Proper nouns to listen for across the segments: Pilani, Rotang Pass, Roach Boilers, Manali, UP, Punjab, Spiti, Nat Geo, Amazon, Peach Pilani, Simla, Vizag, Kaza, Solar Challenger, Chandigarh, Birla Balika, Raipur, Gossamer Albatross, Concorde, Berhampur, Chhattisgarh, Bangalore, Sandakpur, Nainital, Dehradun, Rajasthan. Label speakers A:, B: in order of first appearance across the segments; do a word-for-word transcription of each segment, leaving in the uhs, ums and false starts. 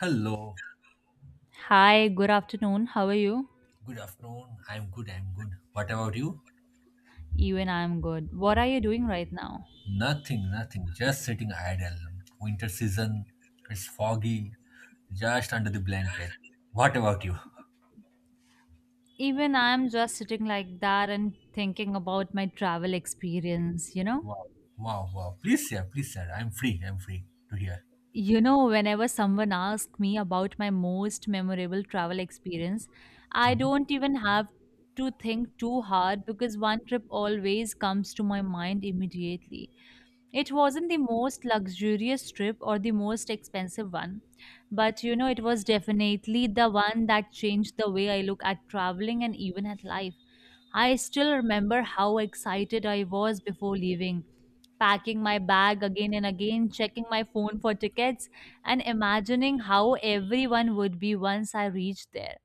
A: Hello,
B: Hi, good afternoon. How are you?
A: good afternoon. I'm good, I'm good. What about you?
B: Even I'm good. What are you doing right now?
A: Nothing, nothing. Just sitting idle. Winter season, it's foggy, just under the blanket. What about you?
B: Even I'm just sitting like that and thinking about my travel experience, you know?
A: Wow, wow, wow. Please, sir, please, sir. I'm free, I'm free to hear.
B: You know, whenever someone asks me about my most memorable travel experience, I don't
A: Mhm.
B: even have to think too hard because one trip always comes to my mind immediately. It wasn't the most luxurious trip or the most expensive one, but you know, it was definitely the one that changed the way I look at traveling and even at life. I still remember how excited I was before leaving, packing my bag again and again, checking my phone for tickets, and imagining how everyone would be once I reached there.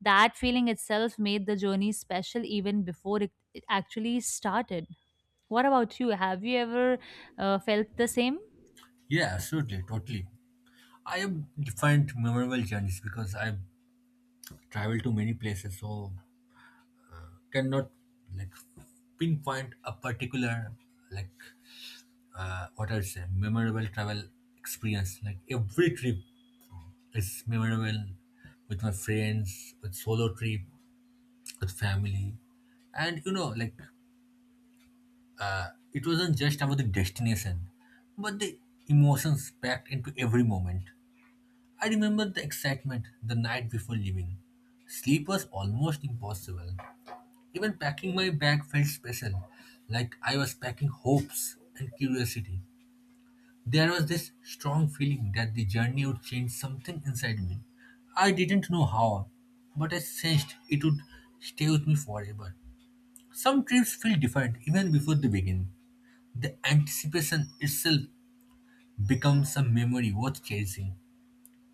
B: That feeling itself made the journey special even before it it actually started. What about you? Have you ever uh, felt the same?
A: Yeah, absolutely, totally. I have different memorable journeys because I've traveled to many places, so cannot like pinpoint a particular, like, uh, what I would say, memorable travel experience. Like every trip is memorable, with my friends, with solo trip, with family, and you know, like uh, it wasn't just about the destination, but the emotions packed into every moment. I remember the excitement the night before leaving. Sleep was almost impossible. Even packing my bag felt special, like I was packing hopes and curiosity. There was this strong feeling that the journey would change something inside me. I didn't know how, but I sensed it would stay with me forever. Some trips feel different even before they begin. The anticipation itself becomes a memory worth chasing.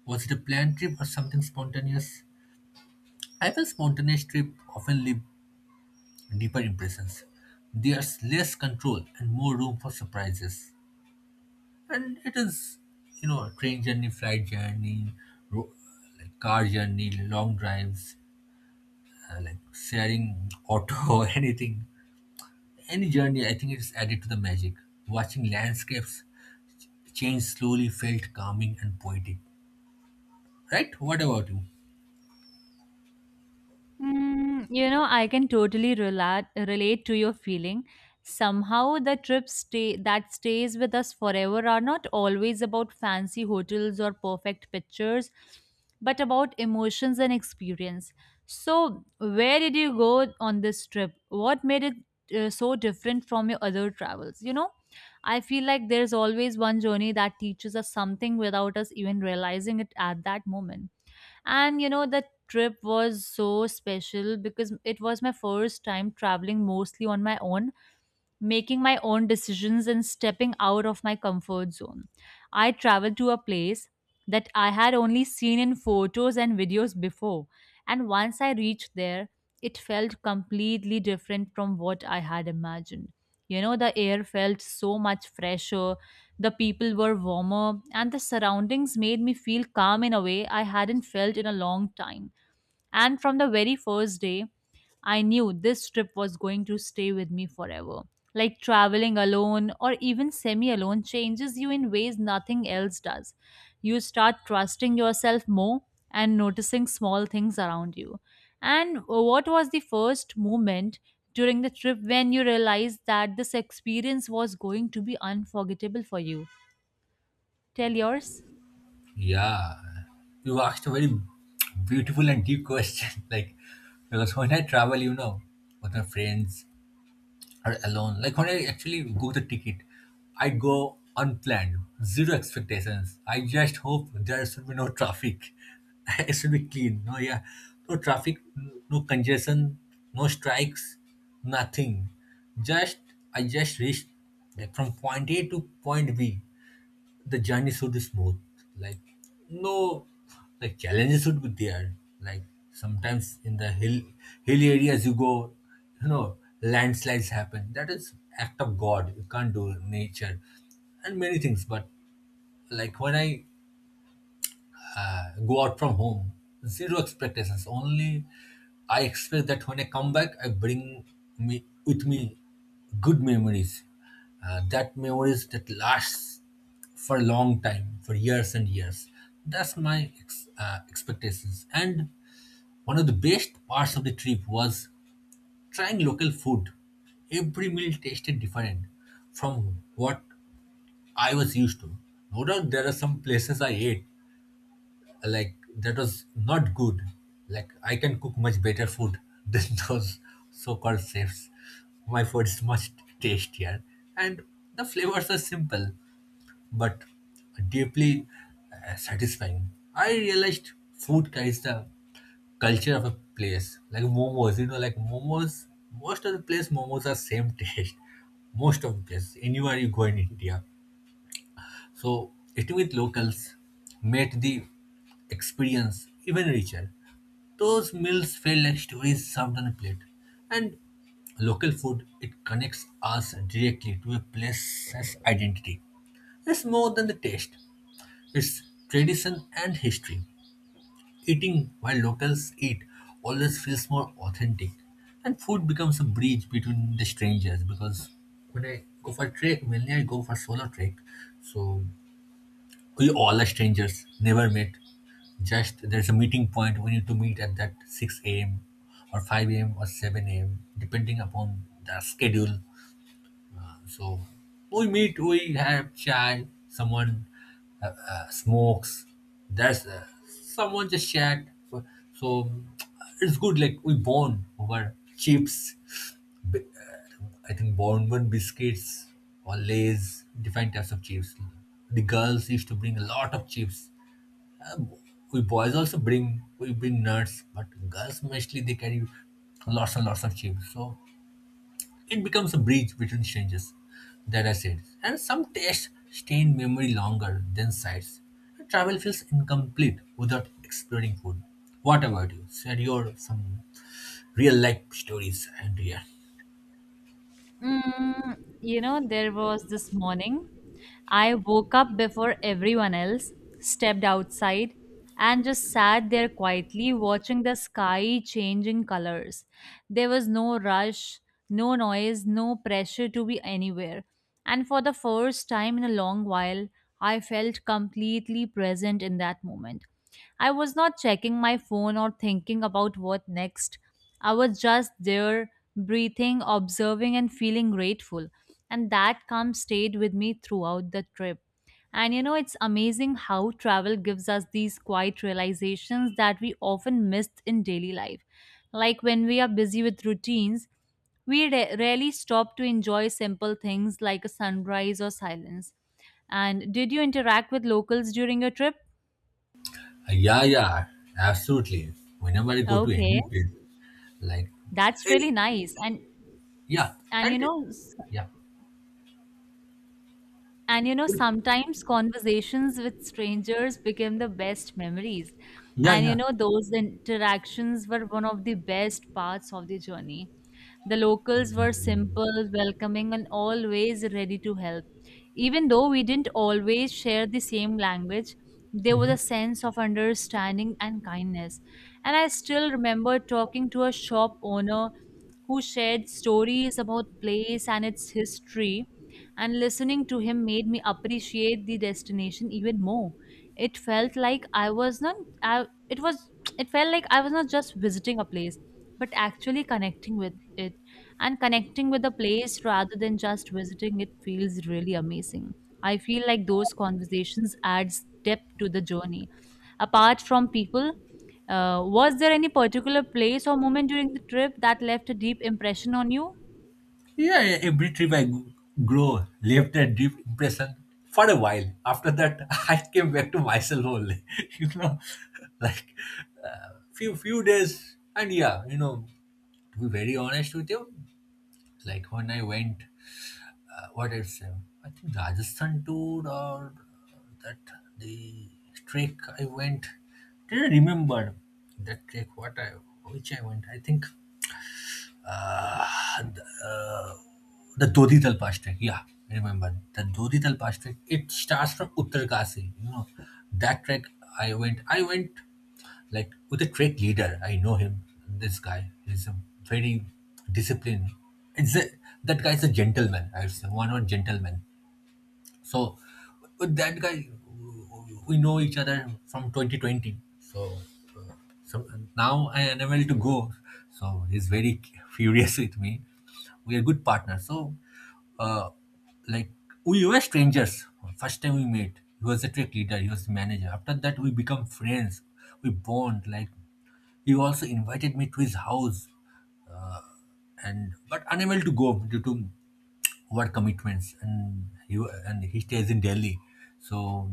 A: Was it a planned trip or something spontaneous? I feel spontaneous trips often leave deeper impressions. There's less control and more room for surprises. And it is, you know, train journey, flight journey, ro- like car journey, long drives, uh, like sharing auto, anything, any journey, I think it's added to the magic. Watching landscapes change slowly felt calming and poetic. Right, what about you?
B: Mm, you know, I can totally relate relate to your feeling. Somehow, the trips stay that stays with us forever are not always about fancy hotels or perfect pictures, but about emotions and experience. So, where did you go on this trip? What made it uh, so different from your other travels? You know, I feel like there's always one journey that teaches us something without us even realizing it at that moment. And you know, the trip was so special because it was my first time traveling mostly on my own, making my own decisions and stepping out of my comfort zone. I traveled to a place that I had only seen in photos and videos before, and once I reached there, it felt completely different from what I had imagined. You know, the air felt so much fresher, the people were warmer, and the surroundings made me feel calm in a way I hadn't felt in a long time. And from the very first day, I knew this trip was going to stay with me forever. Like traveling alone or even semi alone changes you in ways nothing else does. You start trusting yourself more and noticing small things around you. And what was the first moment during the trip when you realized that this experience was going to be unforgettable for you? Tell yours.
A: Yeah, you asked a very beautiful and deep question. Like, because when I travel, you know, with my friends or alone. Like when I actually go the ticket, I go unplanned, zero expectations. I just hope there should be no traffic. It should be clean. No, yeah, no traffic, no congestion, no strikes, nothing. Just I just reached, like, from point A to point B the journey should be smooth. Like no, like, challenges should be there. Like sometimes in the hill hilly areas you go, you know, landslides happen. That is act of God. You can't do nature and many things. But like when I go out from home, zero expectations. Only I expect that when I come back, I bring me with me good memories. Uh, that memories that lasts for a long time, for years and years. That's my ex- uh, expectations. And one of the best parts of the trip was trying local food. Every meal tasted different from what I was used to. No doubt there are some places I ate like that was not good, like I can cook much better food than those so-called chefs. My food is much tastier, and the flavors are simple but deeply, uh, satisfying. I realized food carries the culture of a place, like momos, you know, like momos, most of the place momos are same taste. Most of the place anywhere you go in India, so eating with locals made the experience even richer. Those meals felt like stories served on a plate. And local food, it connects us directly to a place's identity. It's more than the taste, it's tradition and history. Eating while locals eat always feels more authentic. And food becomes a bridge between the strangers because when I go for trek, mainly I go for solo trek. So we all are strangers, never met. Just there's a meeting point. We need to meet at that six a m or five a m or seven a m depending upon the schedule. So we meet, we have chai, someone uh, uh, smokes, there's uh, someone just chat. So, so it's good, like we bond over chips. I think Bonbon biscuits or Lays, different types of chips. The girls used to bring a lot of chips. We boys also bring, we bring nuts, but girls mostly they carry lots and lots of chips. So it becomes a bridge between strangers, that I said. And some tastes stay in memory longer than sights. Travel feels incomplete without exploring food. What about you? Share your some real life stories and yeah.
B: Mm, you know, there was this morning. I woke up before everyone else, stepped outside, and just sat there quietly watching the sky changing colors. There was no rush, no noise, no pressure to be anywhere. And for the first time in a long while, I felt completely present in that moment. I was not checking my phone or thinking about what next. I was just there, breathing, observing, and feeling grateful. And that calm stayed with me throughout the trip. And you know, it's amazing how travel gives us these quiet realizations that we often miss in daily life. Like when we are busy with routines, we ra- rarely stop to enjoy simple things like a sunrise or silence. And did you interact with locals during your trip?
A: Yeah, yeah, absolutely. Whenever I go to any
B: Okay,
A: place, like,
B: that's
A: eh,
B: really nice. And
A: yeah,
B: and
A: and
B: you know,
A: yeah,
B: and you know, sometimes conversations with strangers became the best memories.
A: yeah,
B: And you
A: yeah.
B: know, those interactions were one of the best parts of the journey. The locals were simple, welcoming, and always ready to help. Even though we didn't always share the same language, there was a
A: Hmm.
B: sense of understanding and kindness. And I still remember talking to a shop owner who shared stories about place and its history, and listening to him made me appreciate the destination even more. It felt like I was not I, it was It felt like I was not just visiting a place but actually connecting with it, and connecting with a place rather than just visiting it feels really amazing. I feel like those conversations adds depth to the journey. Apart from people, uh, was there any particular place or moment during the trip that left a deep impression on you?
A: Yeah, yeah, every trip I g- grow left a deep impression for a while. After that, I came back to myself only. You know, like, uh, few few days, and yeah, you know, to be very honest with you, like when I went, uh, what is uh, I think Rajasthan tour, or that, the trek I went. Did I remember that trek? What I which I went? I think, uh, th- uh, the Dodi Dal, yeah, I remember. The Dodi Dal, it starts from Uttarkasi. You know, that trek I went, I went like with a trek leader. I know him, this guy. Is a very disciplined. It's a, that guy's a gentleman, I would say, one or gentleman. So with that guy, we know each other from twenty twenty. So, uh, so now I am unable to go. So he's very furious with me. We are good partners. So, uh, like we were strangers first time we met. He was a tech leader. He was the manager. After that, we become friends. We bond like he also invited me to his house and but unable to go due to work commitments, and he wa- and he stays in Delhi. So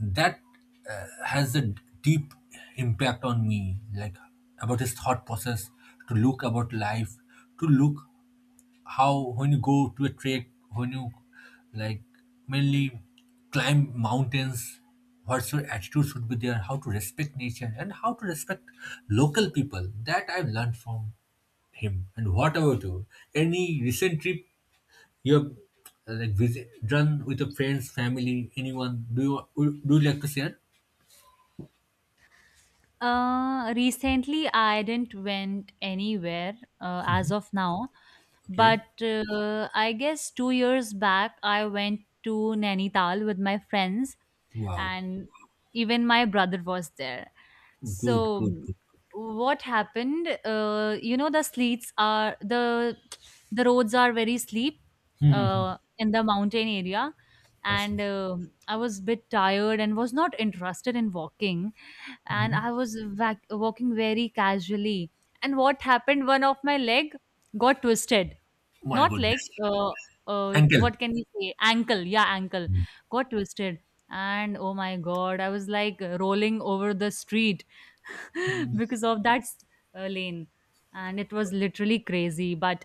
A: that uh, has a d- deep impact on me, like about his thought process, to look about life, to look how when you go to a trek, when you, like, mainly climb mountains, what's your attitude should be there, how to respect nature and how to respect local people. That I've learned from him. And what about you, any recent trip you have, uh, like, visit done with your friends, family, anyone? Do you would- do you like to share?
B: Uh, recently, I didn't went anywhere uh,
A: Mhm.
B: as of now,
A: Okay.
B: but uh, I guess two years back, I went to Nainital with my friends,
A: Wow.
B: and even my brother was there.
A: Good.
B: So,
A: Good. Good. Good.
B: what happened? Uh, you know, the sleets are the the roads are very steep
A: Mm-hmm.
B: uh, in the mountain area, and uh, I was a bit tired and was not interested in walking, and
A: Hmm.
B: I was vac- walking very casually. And what happened? One of my leg got twisted,
A: My
B: not like,
A: goodness,
B: uh, uh,
A: uncle.
B: what can we say? Ankle. Yeah, ankle. Got twisted. And oh my God, I was like rolling over the street because of that uh, lane. And it was literally crazy. But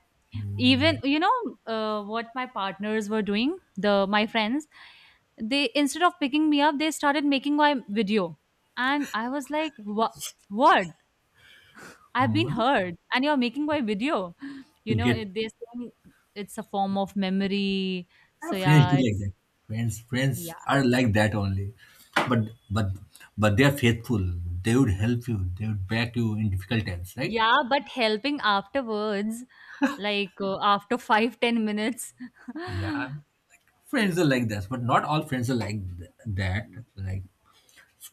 B: even, you know, uh, what my partners were doing, the my friends, they instead of picking me up, they started making my video. And I was like, what? What? I've been
A: Mhm.
B: heard, and you're making my video.
A: To
B: You know,
A: get,
B: it, they're saying it's a form of memory.
A: uh,
B: So
A: friends
B: yeah,
A: do like
B: it's
A: that. Friends, friends
B: yeah,
A: are like that only. But but but they are faithful. They would help you. They would back you in difficult times, right?
B: yeah. But helping afterwards, like uh, after five ten minutes.
A: Yeah, friends are like that, but not all friends are like th- that. Like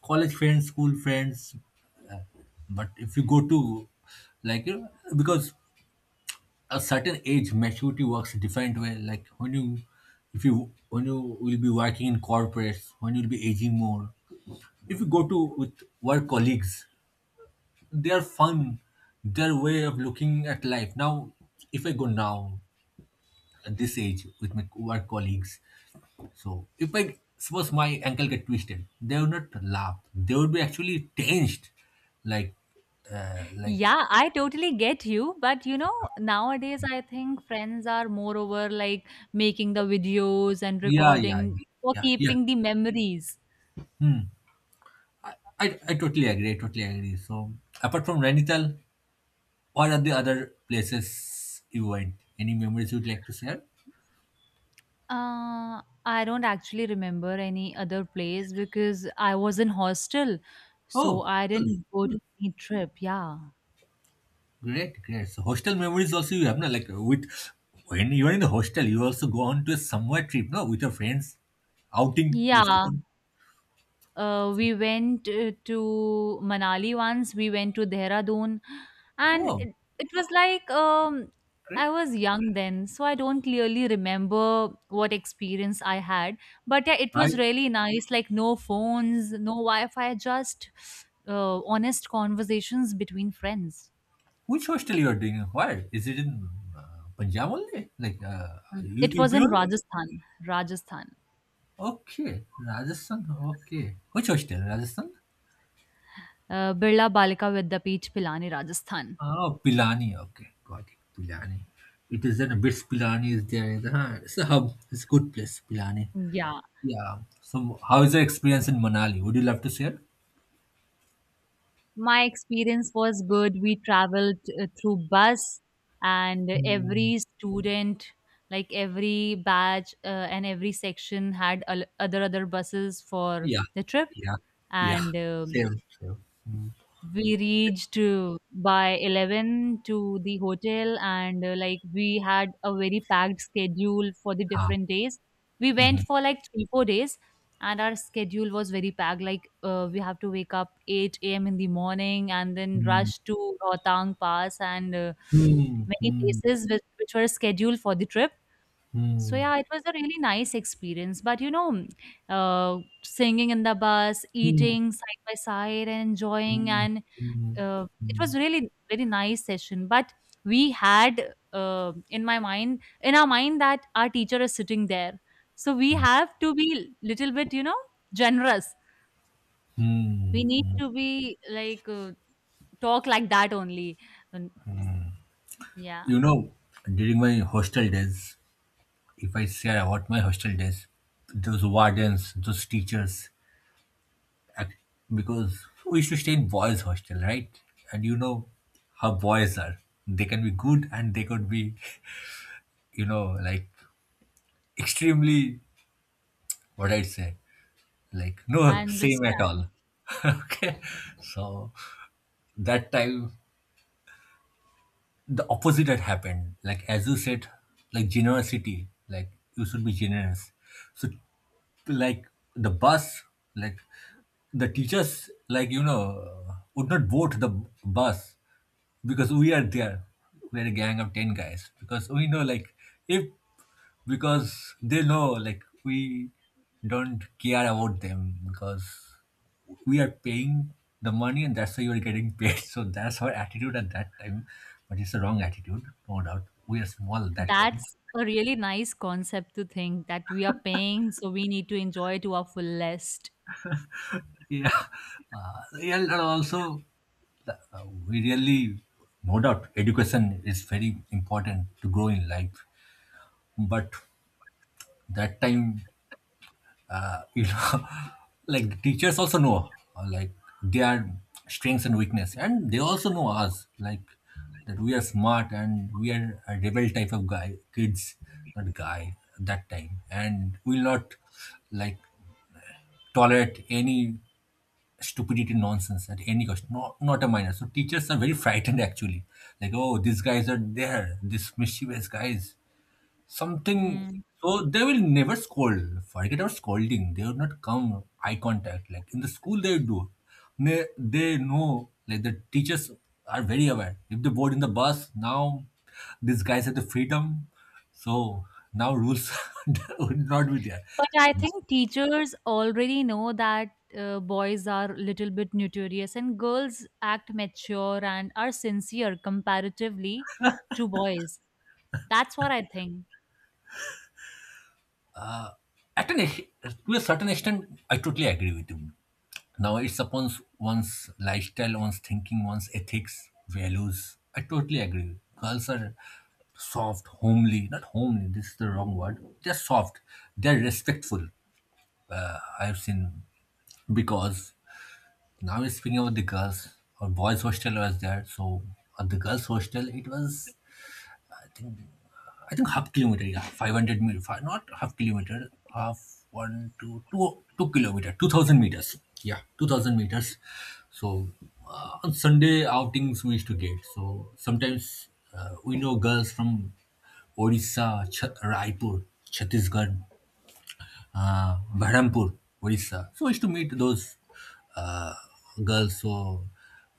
A: college friends, school friends. But if you go to, like, you know, because a certain age maturity works a different way. Like when you, if you when you will be working in corporates, when you'll be aging more. If you go to with work colleagues, their fun, their way of looking at life. Now if I go now at this age with my work colleagues, so if I suppose my ankle get twisted, they would not laugh. They would be actually tensed, like, uh, like,
B: Yeah, I totally get you. But you know, nowadays I think friends are more over like making the videos and
A: yeah, yeah,
B: recording
A: yeah,
B: for
A: yeah. Yeah.
B: keeping the memories.
A: I, I totally agree. I totally agree. So apart from Renital, what are the other places you went? Any memories you'd like to share?
B: Uh, I don't actually remember any other place because I was in hostel, so
A: Oh,
B: I
A: cool.
B: didn't go to any trip. Yeah.
A: Great, great. So hostel memories also you have, no? Like with when you're in the hostel, you also go on to a somewhere trip, no, with your friends. Outing you used to
B: Yeah,
A: go.
B: uh, we went uh, to Manali once, we went to Dehradun, and
A: Oh,
B: it, it was like um, I
A: great.
B: was young then, so I don't clearly remember what experience I had. But yeah, it
A: I.
B: was really nice, like no phones, no Wi-Fi, just uh, honest conversations between friends.
A: Which hostel you are doing? Where? Is it in, uh, Punjab only? Like, uh,
B: Mm, it
A: U- UP
B: was in
A: only?
B: Rajasthan, Rajasthan.
A: Okay, Rajasthan. Okay, which hostel? Rajasthan?
B: Uh, Birla Balika with the Peach Pilani, Rajasthan.
A: Oh, Pilani. Okay, got it. Pilani. It is in a bit. Pilani is there. In the, huh, it's a hub. It's a good place. Pilani.
B: Yeah,
A: Yeah. So, how is your experience in Manali? Would you love to share?
B: my experience was good. We traveled uh, through bus, and
A: Mm,
B: every student, like every batch uh, and every section, had al- other other buses for
A: yeah.
B: the trip.
A: Yeah. Yeah.
B: And uh,
A: Same. Same. Mm.
B: we reached uh, by eleven to the hotel, and uh, like we had a very packed schedule for the
A: Ah.
B: different days. We went
A: Mm-hmm.
B: for like three four days, and our schedule was very packed, like uh, we have to wake up eight a.m. in the morning and then rush to rotang pass and uh,
A: Mm.
B: many
A: Mm.
B: places which, which were scheduled for the trip. So
A: Mm.
B: yeah, it was a really nice experience. But you know, uh, singing in the bus,
A: Mm.
B: eating side by side, and enjoying,
A: Mm,
B: and
A: mm,
B: uh, it
A: mm,
B: was really very nice session. But we had, uh, in my mind in our mind that our teacher is sitting there, so we
A: mm,
B: have to be little bit, you know, generous.
A: mm,
B: We need
A: mm.
B: to be like, uh, talk like that only. And yeah,
A: You know, during my hostel days, if I share about my hostel days, those wardens, those teachers, ac- because we used to stay in boys' hostel, right? And you know how boys are. They can be good and they could be, you know, like extremely, what I'd say, like
B: I
A: no same at all.
B: understand.
A: Okay. So that time the opposite had happened. Like as you said, like generosity, like you should be generous. So like the bus, like the teachers, like you know, would not vote the bus, because we are there, we're a gang of ten guys, because we know like, if, because they know like we don't care about them, because we are paying the money and that's why you're getting paid. So that's our attitude at that time, but it's a wrong attitude. No doubt we are small at that time.
B: That's a really nice concept to think that we are paying so we need to enjoy to our fullest.
A: Yeah. Uh, yeah, and also, uh, we really, no doubt education is very important to grow in life. But that time, uh, you know like the teachers also know, uh, like their strengths and weakness, and they also know us, like, that we are smart and we are a rebel type of guy, kids, not guy, that time, and will not like tolerate any stupidity, nonsense, at any cost, no, not a minor. So teachers are very frightened actually, like, oh, these guys are there, these mischievous guys, something.
B: Hmm.
A: So they will never scold. Forget about scolding, they will not come eye contact like in the school they do. They, they know, like, the teachers are very aware, if they board in the bus now, these guys have the freedom. So now rules would not be there.
B: But I think teachers already know that uh, boys are little bit notorious and girls act mature and are sincere comparatively to boys. That's what I think.
A: At an, ex- to a certain extent, I totally agree with you. Now it's upon one's lifestyle, one's thinking, one's ethics, values. I totally agree. Girls are soft, homely, not homely, this is the wrong word. They're soft, they're respectful. Uh, I've seen, because now we're speaking about the girls, or boys hostel was there. So at the girls hostel, it was I think half kilometer, yeah, five hundred meter, five, not half kilometer, half one, two, two, two kilometer, two thousand meters. Yeah, two thousand meters. So uh, on Sunday outings we used to get. So sometimes, uh, we know girls from Odisha, Ch- Raipur, Chhattisgarh, uh, Berhampur, Orissa. So I used to meet those uh, girls. So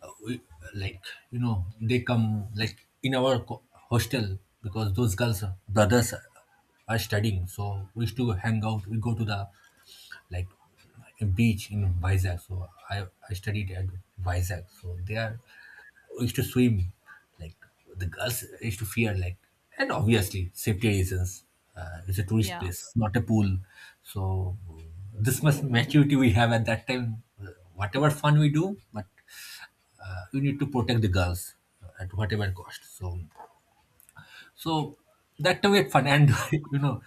A: uh, we, like you know, they come like in our co- hostel, because those girls brothers are studying. So we used to hang out. We go to the like a beach in Vizag. So I, I studied at Vizag. So there we used to swim. Like, the girls used to fear, like, and obviously safety reasons. Uh, it's a tourist
B: Yeah.
A: place, not a pool. So this much maturity we have at that time. Whatever fun we do, but uh, we need to protect the girls at whatever cost. So, so that time we had fun, and you know,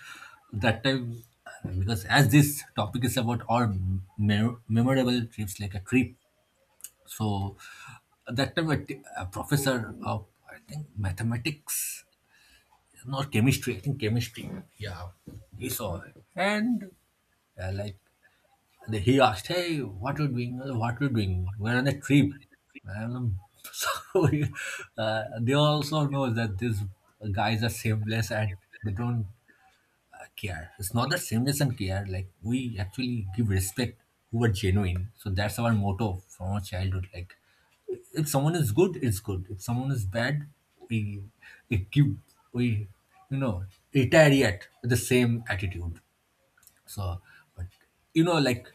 A: that time, because as this topic is about our me- memorable trips, like a trip. So that time a, t- a professor of I think mathematics, not chemistry. I think chemistry. Yeah, he saw it, and uh, like, and he asked, "Hey, what are you doing? Uh, What are you doing? We're on a trip." And um, so uh, they also know that these guys are shameless and they don't care. It's not that shameless and care. Like, we actually give respect who are genuine. So that's our motto from our childhood. Like, if someone is good, it's good. If someone is bad, we we give we you know retaliate with the same attitude. So, but you know, like,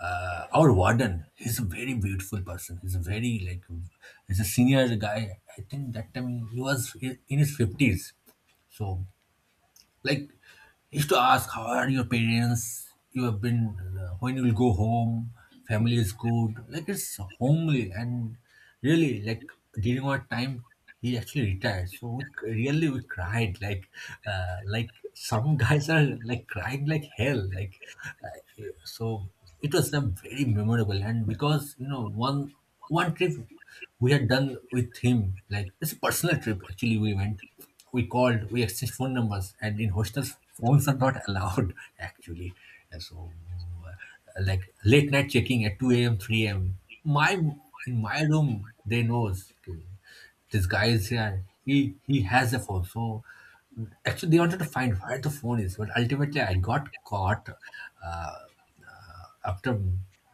A: uh, our warden, he's a very beautiful person. He's a very like, he's a senior guy. I think that time he was in in his fifties. So, like, I used to ask, how are your parents? You have been, uh, when you will go home? Family is good. Like, it's homely. And really, like, during our time, he actually retired. So, we, c- really, we cried. Like, uh, like some guys are like crying like hell. Like, uh, so it was a very memorable. And because, you know, one, one trip we had done with him, like, it's a personal trip actually, we went, we called, we exchanged phone numbers, and in hostels, phones are not allowed actually. And so, uh, like late night checking at two a m, three a m. My, in my room, they knows, okay, this guy is here. He he has a phone, so actually they wanted to find where the phone is, but ultimately I got caught. Uh, after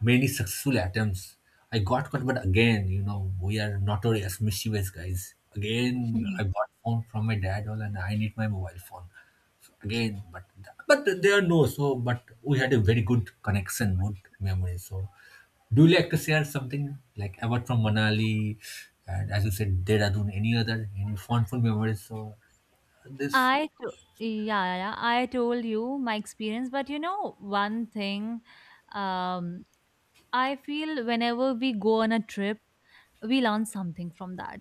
A: many successful attempts, I got caught, but again, you know, we are notorious, mischievous guys. Again, I
B: Hmm.
A: bought phone from my dad, all, and I need my mobile phone. So again, but but there are no so. But we had a very good connection, good memory. So, do you like to share something like about from Manali, and as you said, Dehradun, any other any fondful memories? So this
B: I to- yeah, yeah, I told you my experience, but you know one thing, um, I feel whenever we go on a trip, we learn something from that.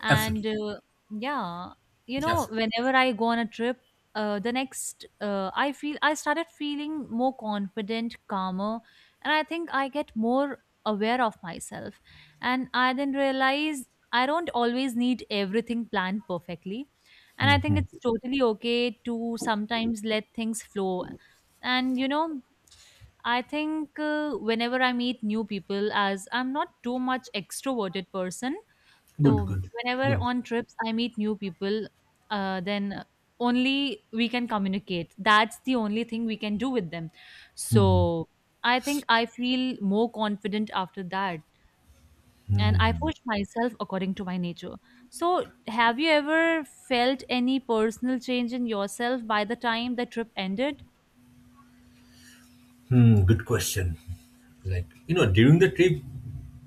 B: And
A: absolutely.
B: uh, yeah, you know,
A: Yes.
B: whenever I go on a trip, uh, the next, uh, I feel I started feeling more confident, calmer, and I think I get more aware of myself. And I then realize I don't always need everything planned perfectly. And I think it's
A: Hmm,
B: totally okay to sometimes let things flow. And you know, I think uh, whenever I meet new people, as I'm not too much extroverted person,
A: good,
B: so
A: good,
B: whenever
A: good.
B: on trips I meet new people, uh, then only we can communicate. That's the only thing we can do with them.
A: Mm-hmm.
B: So I think I feel more confident after that, and I push myself according to my nature. So have you ever felt any personal change in yourself by the time the trip ended?
A: Hmm, good question. Like, you know, during the trip,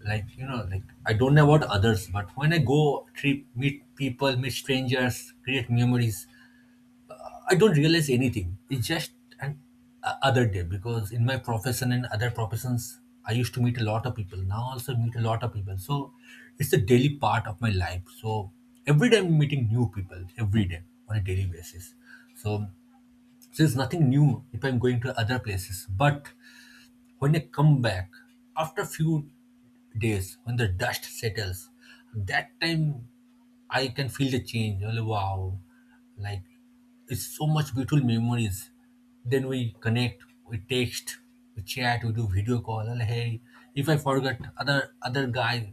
A: like, you know, like, I don't know about others, but when I go trip, meet people, meet strangers, create memories, I don't realize anything. It's just an a- other day, because in my profession and other professions, I used to meet a lot of people. Now also meet a lot of people. So it's a daily part of my life. So every day I'm meeting new people every day on a daily basis. So, so it's nothing new if I'm going to other places, but when I come back, after a few days, when the dust settles, that time I can feel the change. Like, wow, like, it's so much beautiful memories. Then we connect, we text, we chat, we do video call. Like, hey, if I forgot, other other guy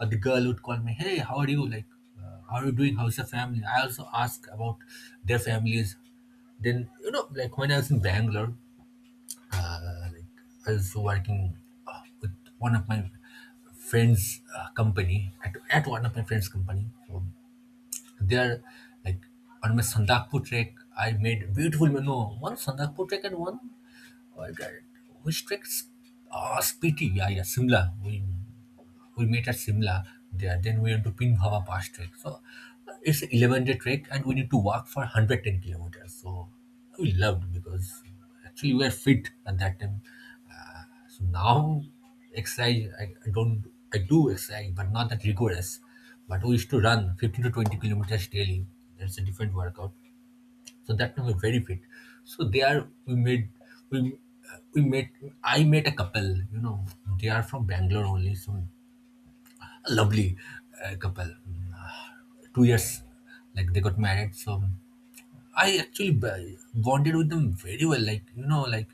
A: or the girl would call me. Hey, how are you? Like, uh, how are you doing? How's your family? I also ask about their families. Then you know, like, when I was in Bangalore, uh, like I was working, uh, with one of my friends' uh, company at, at one of my friends' company. So there, like, on my Sandakpur trek, I made beautiful, no, one Sandakpur trek and one uh, which treks, Uh, Spiti, yeah, yeah, Simla. We we met at Simla there. Then we went to Pinbhava Pass trek. So uh, it's an eleven day trek and we need to walk for one hundred ten kilometers. So we loved because actually we were fit at that time. So now exercise, I, I don't, I do exercise, but not that rigorous. But we used to run fifteen to twenty kilometers daily. That's a different workout. So that time we're very fit. So there we made, we, uh, we met, I met a couple, you know, they are from Bangalore only. So a lovely uh, couple. Mm, uh, Two years, like, they got married. So I actually b- bonded with them very well. Like, you know, like,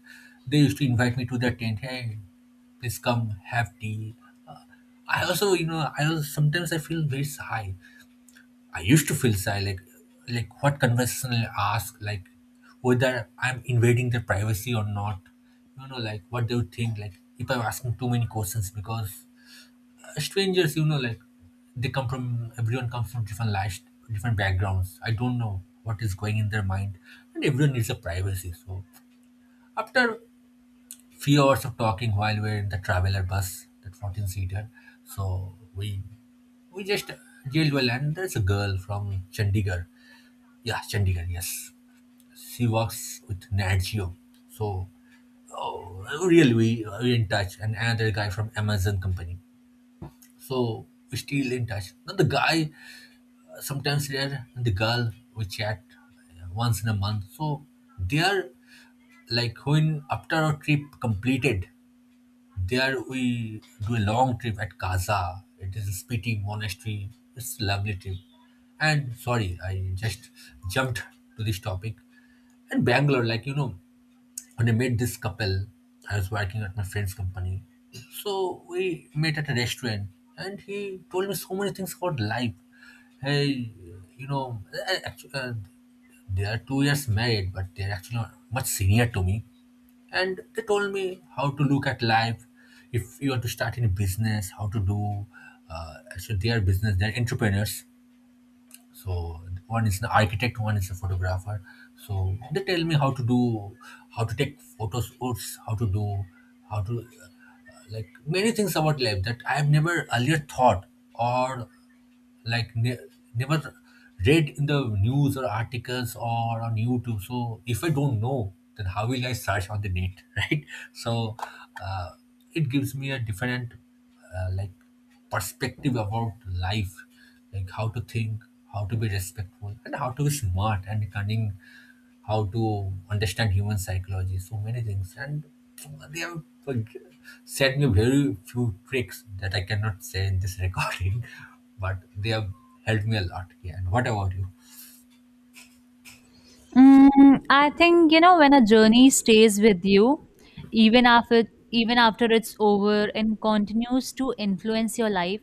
A: they used to invite me to their tent. Hey, please come have tea. Uh, I also, you know, I also sometimes I feel very shy. I used to feel shy, like, like what conversation I ask, like, whether I'm invading their privacy or not. You know, like, what they would think, like, if I'm asking too many questions, because strangers, you know, like, they come from, everyone comes from different lives, different backgrounds. I don't know what is going in their mind, and everyone needs a privacy. So after few hours of talking while we're in the traveler bus, that fourteen seater, so we we just jailed well, and there's a girl from Chandigarh. Yeah, Chandigarh. Yes, she works with Nat Geo. So, oh, really, we we in touch, and another guy from Amazon company. So we still in touch. Now the guy sometimes they're the girl we chat, uh, once in a month, so they are like, when after our trip completed, there we do a long trip at Kaza. It is a Spiti monastery. It's a lovely trip. And sorry, I just jumped to this topic. And Bangalore, like, you know, when I met this couple, I was working at my friend's company. So we met at a restaurant and he told me so many things about life. Hey, you know, actually, uh, they are two years married, but they're actually much senior to me. And they told me how to look at life, if you want to start any business, how to do, uh, so they are business, they're entrepreneurs. So one is an architect, one is a photographer. So they tell me how to do, how to take photos shoots, how to do, how to, uh, like, many things about life that I have never earlier thought, or like ne- never read in the news or articles or on YouTube. So if I don't know, then how will I search on the net? Right. So uh, it gives me a different uh, like perspective about life, like, how to think, how to be respectful, and how to be smart and cunning, how to understand human psychology, so many things. And they have, like, said me very few tricks that I cannot say in this recording, but they have helped me a lot. Yeah. And what about you?
B: Mm, I think you know when a journey stays with you, even after even after it's over and continues to influence your life,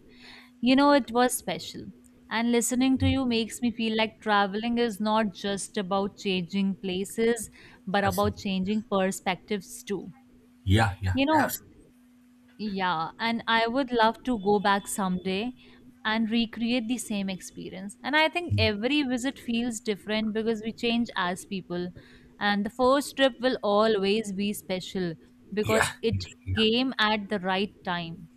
B: you know it was special. And listening to you makes me feel like traveling is not just about changing places, but about
A: Absolutely.
B: changing perspectives too.
A: Yeah. Yeah.
B: You know,
A: Absolutely.
B: yeah, and I would love to go back someday and recreate the same experience. And I think every visit feels different because we change as people. And the first trip will always be special
A: Yeah.
B: because it
A: Yeah. Yeah.
B: came at the right time.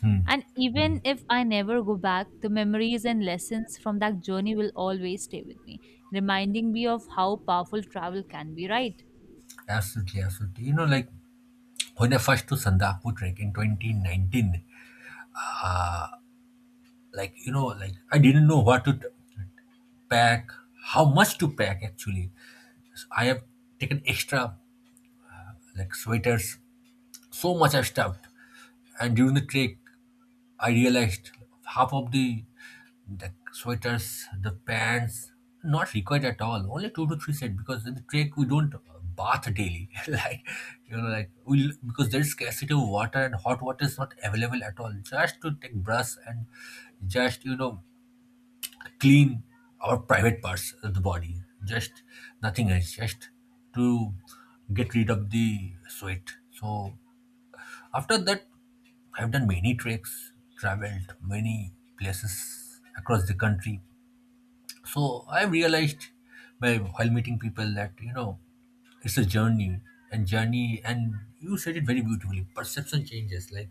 A: Hmm.
B: And even if I never go back, the memories and lessons from that journey will always stay with me, reminding me of how powerful travel can be, right?
A: Absolutely, absolutely. You know, like, when I first to Sandakpur trek in twenty nineteen, like, you know, like, I didn't know what to t- pack, how much to pack actually. So I have taken extra like sweaters, so much I stuffed. And during the trek I realized half of the the sweaters, the pants, not required at all, only two to three set, because in the trek we don't bath daily. Like, you know, like, we, because there is scarcity of water and hot water is not available at all, just to take brush and, just you know, clean our private parts of the body, just nothing else, just to get rid of the sweat. So after that, I've done many treks, traveled many places across the country. So I've realized by while meeting people that, you know, it's a journey, and journey, and you said it very beautifully. Perception changes, like,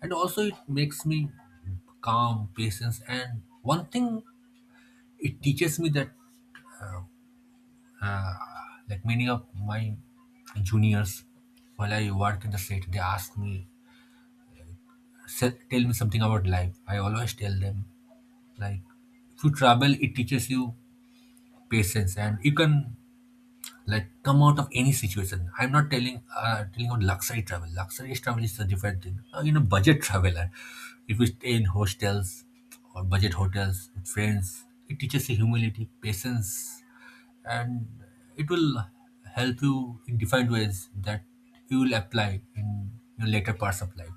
A: and also it makes me calm, patience, and one thing it teaches me that, like, many of my juniors, while I work in the set, they ask me, "Se- tell me something about life." I always tell them, like, if you travel, it teaches you patience and you can like come out of any situation. I'm not telling, uh, telling about luxury travel. Luxury travel is a different thing. Uh, you know, budget traveler. If you stay in hostels or budget hotels with friends, it teaches you humility, patience, and it will help you in different ways that you will apply in your later parts of life.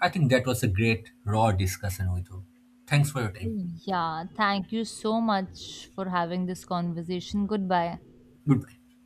A: I think that was a great raw discussion with you. Thanks for your time.
B: Yeah, thank you so much for having this conversation. Goodbye.
A: Goodbye.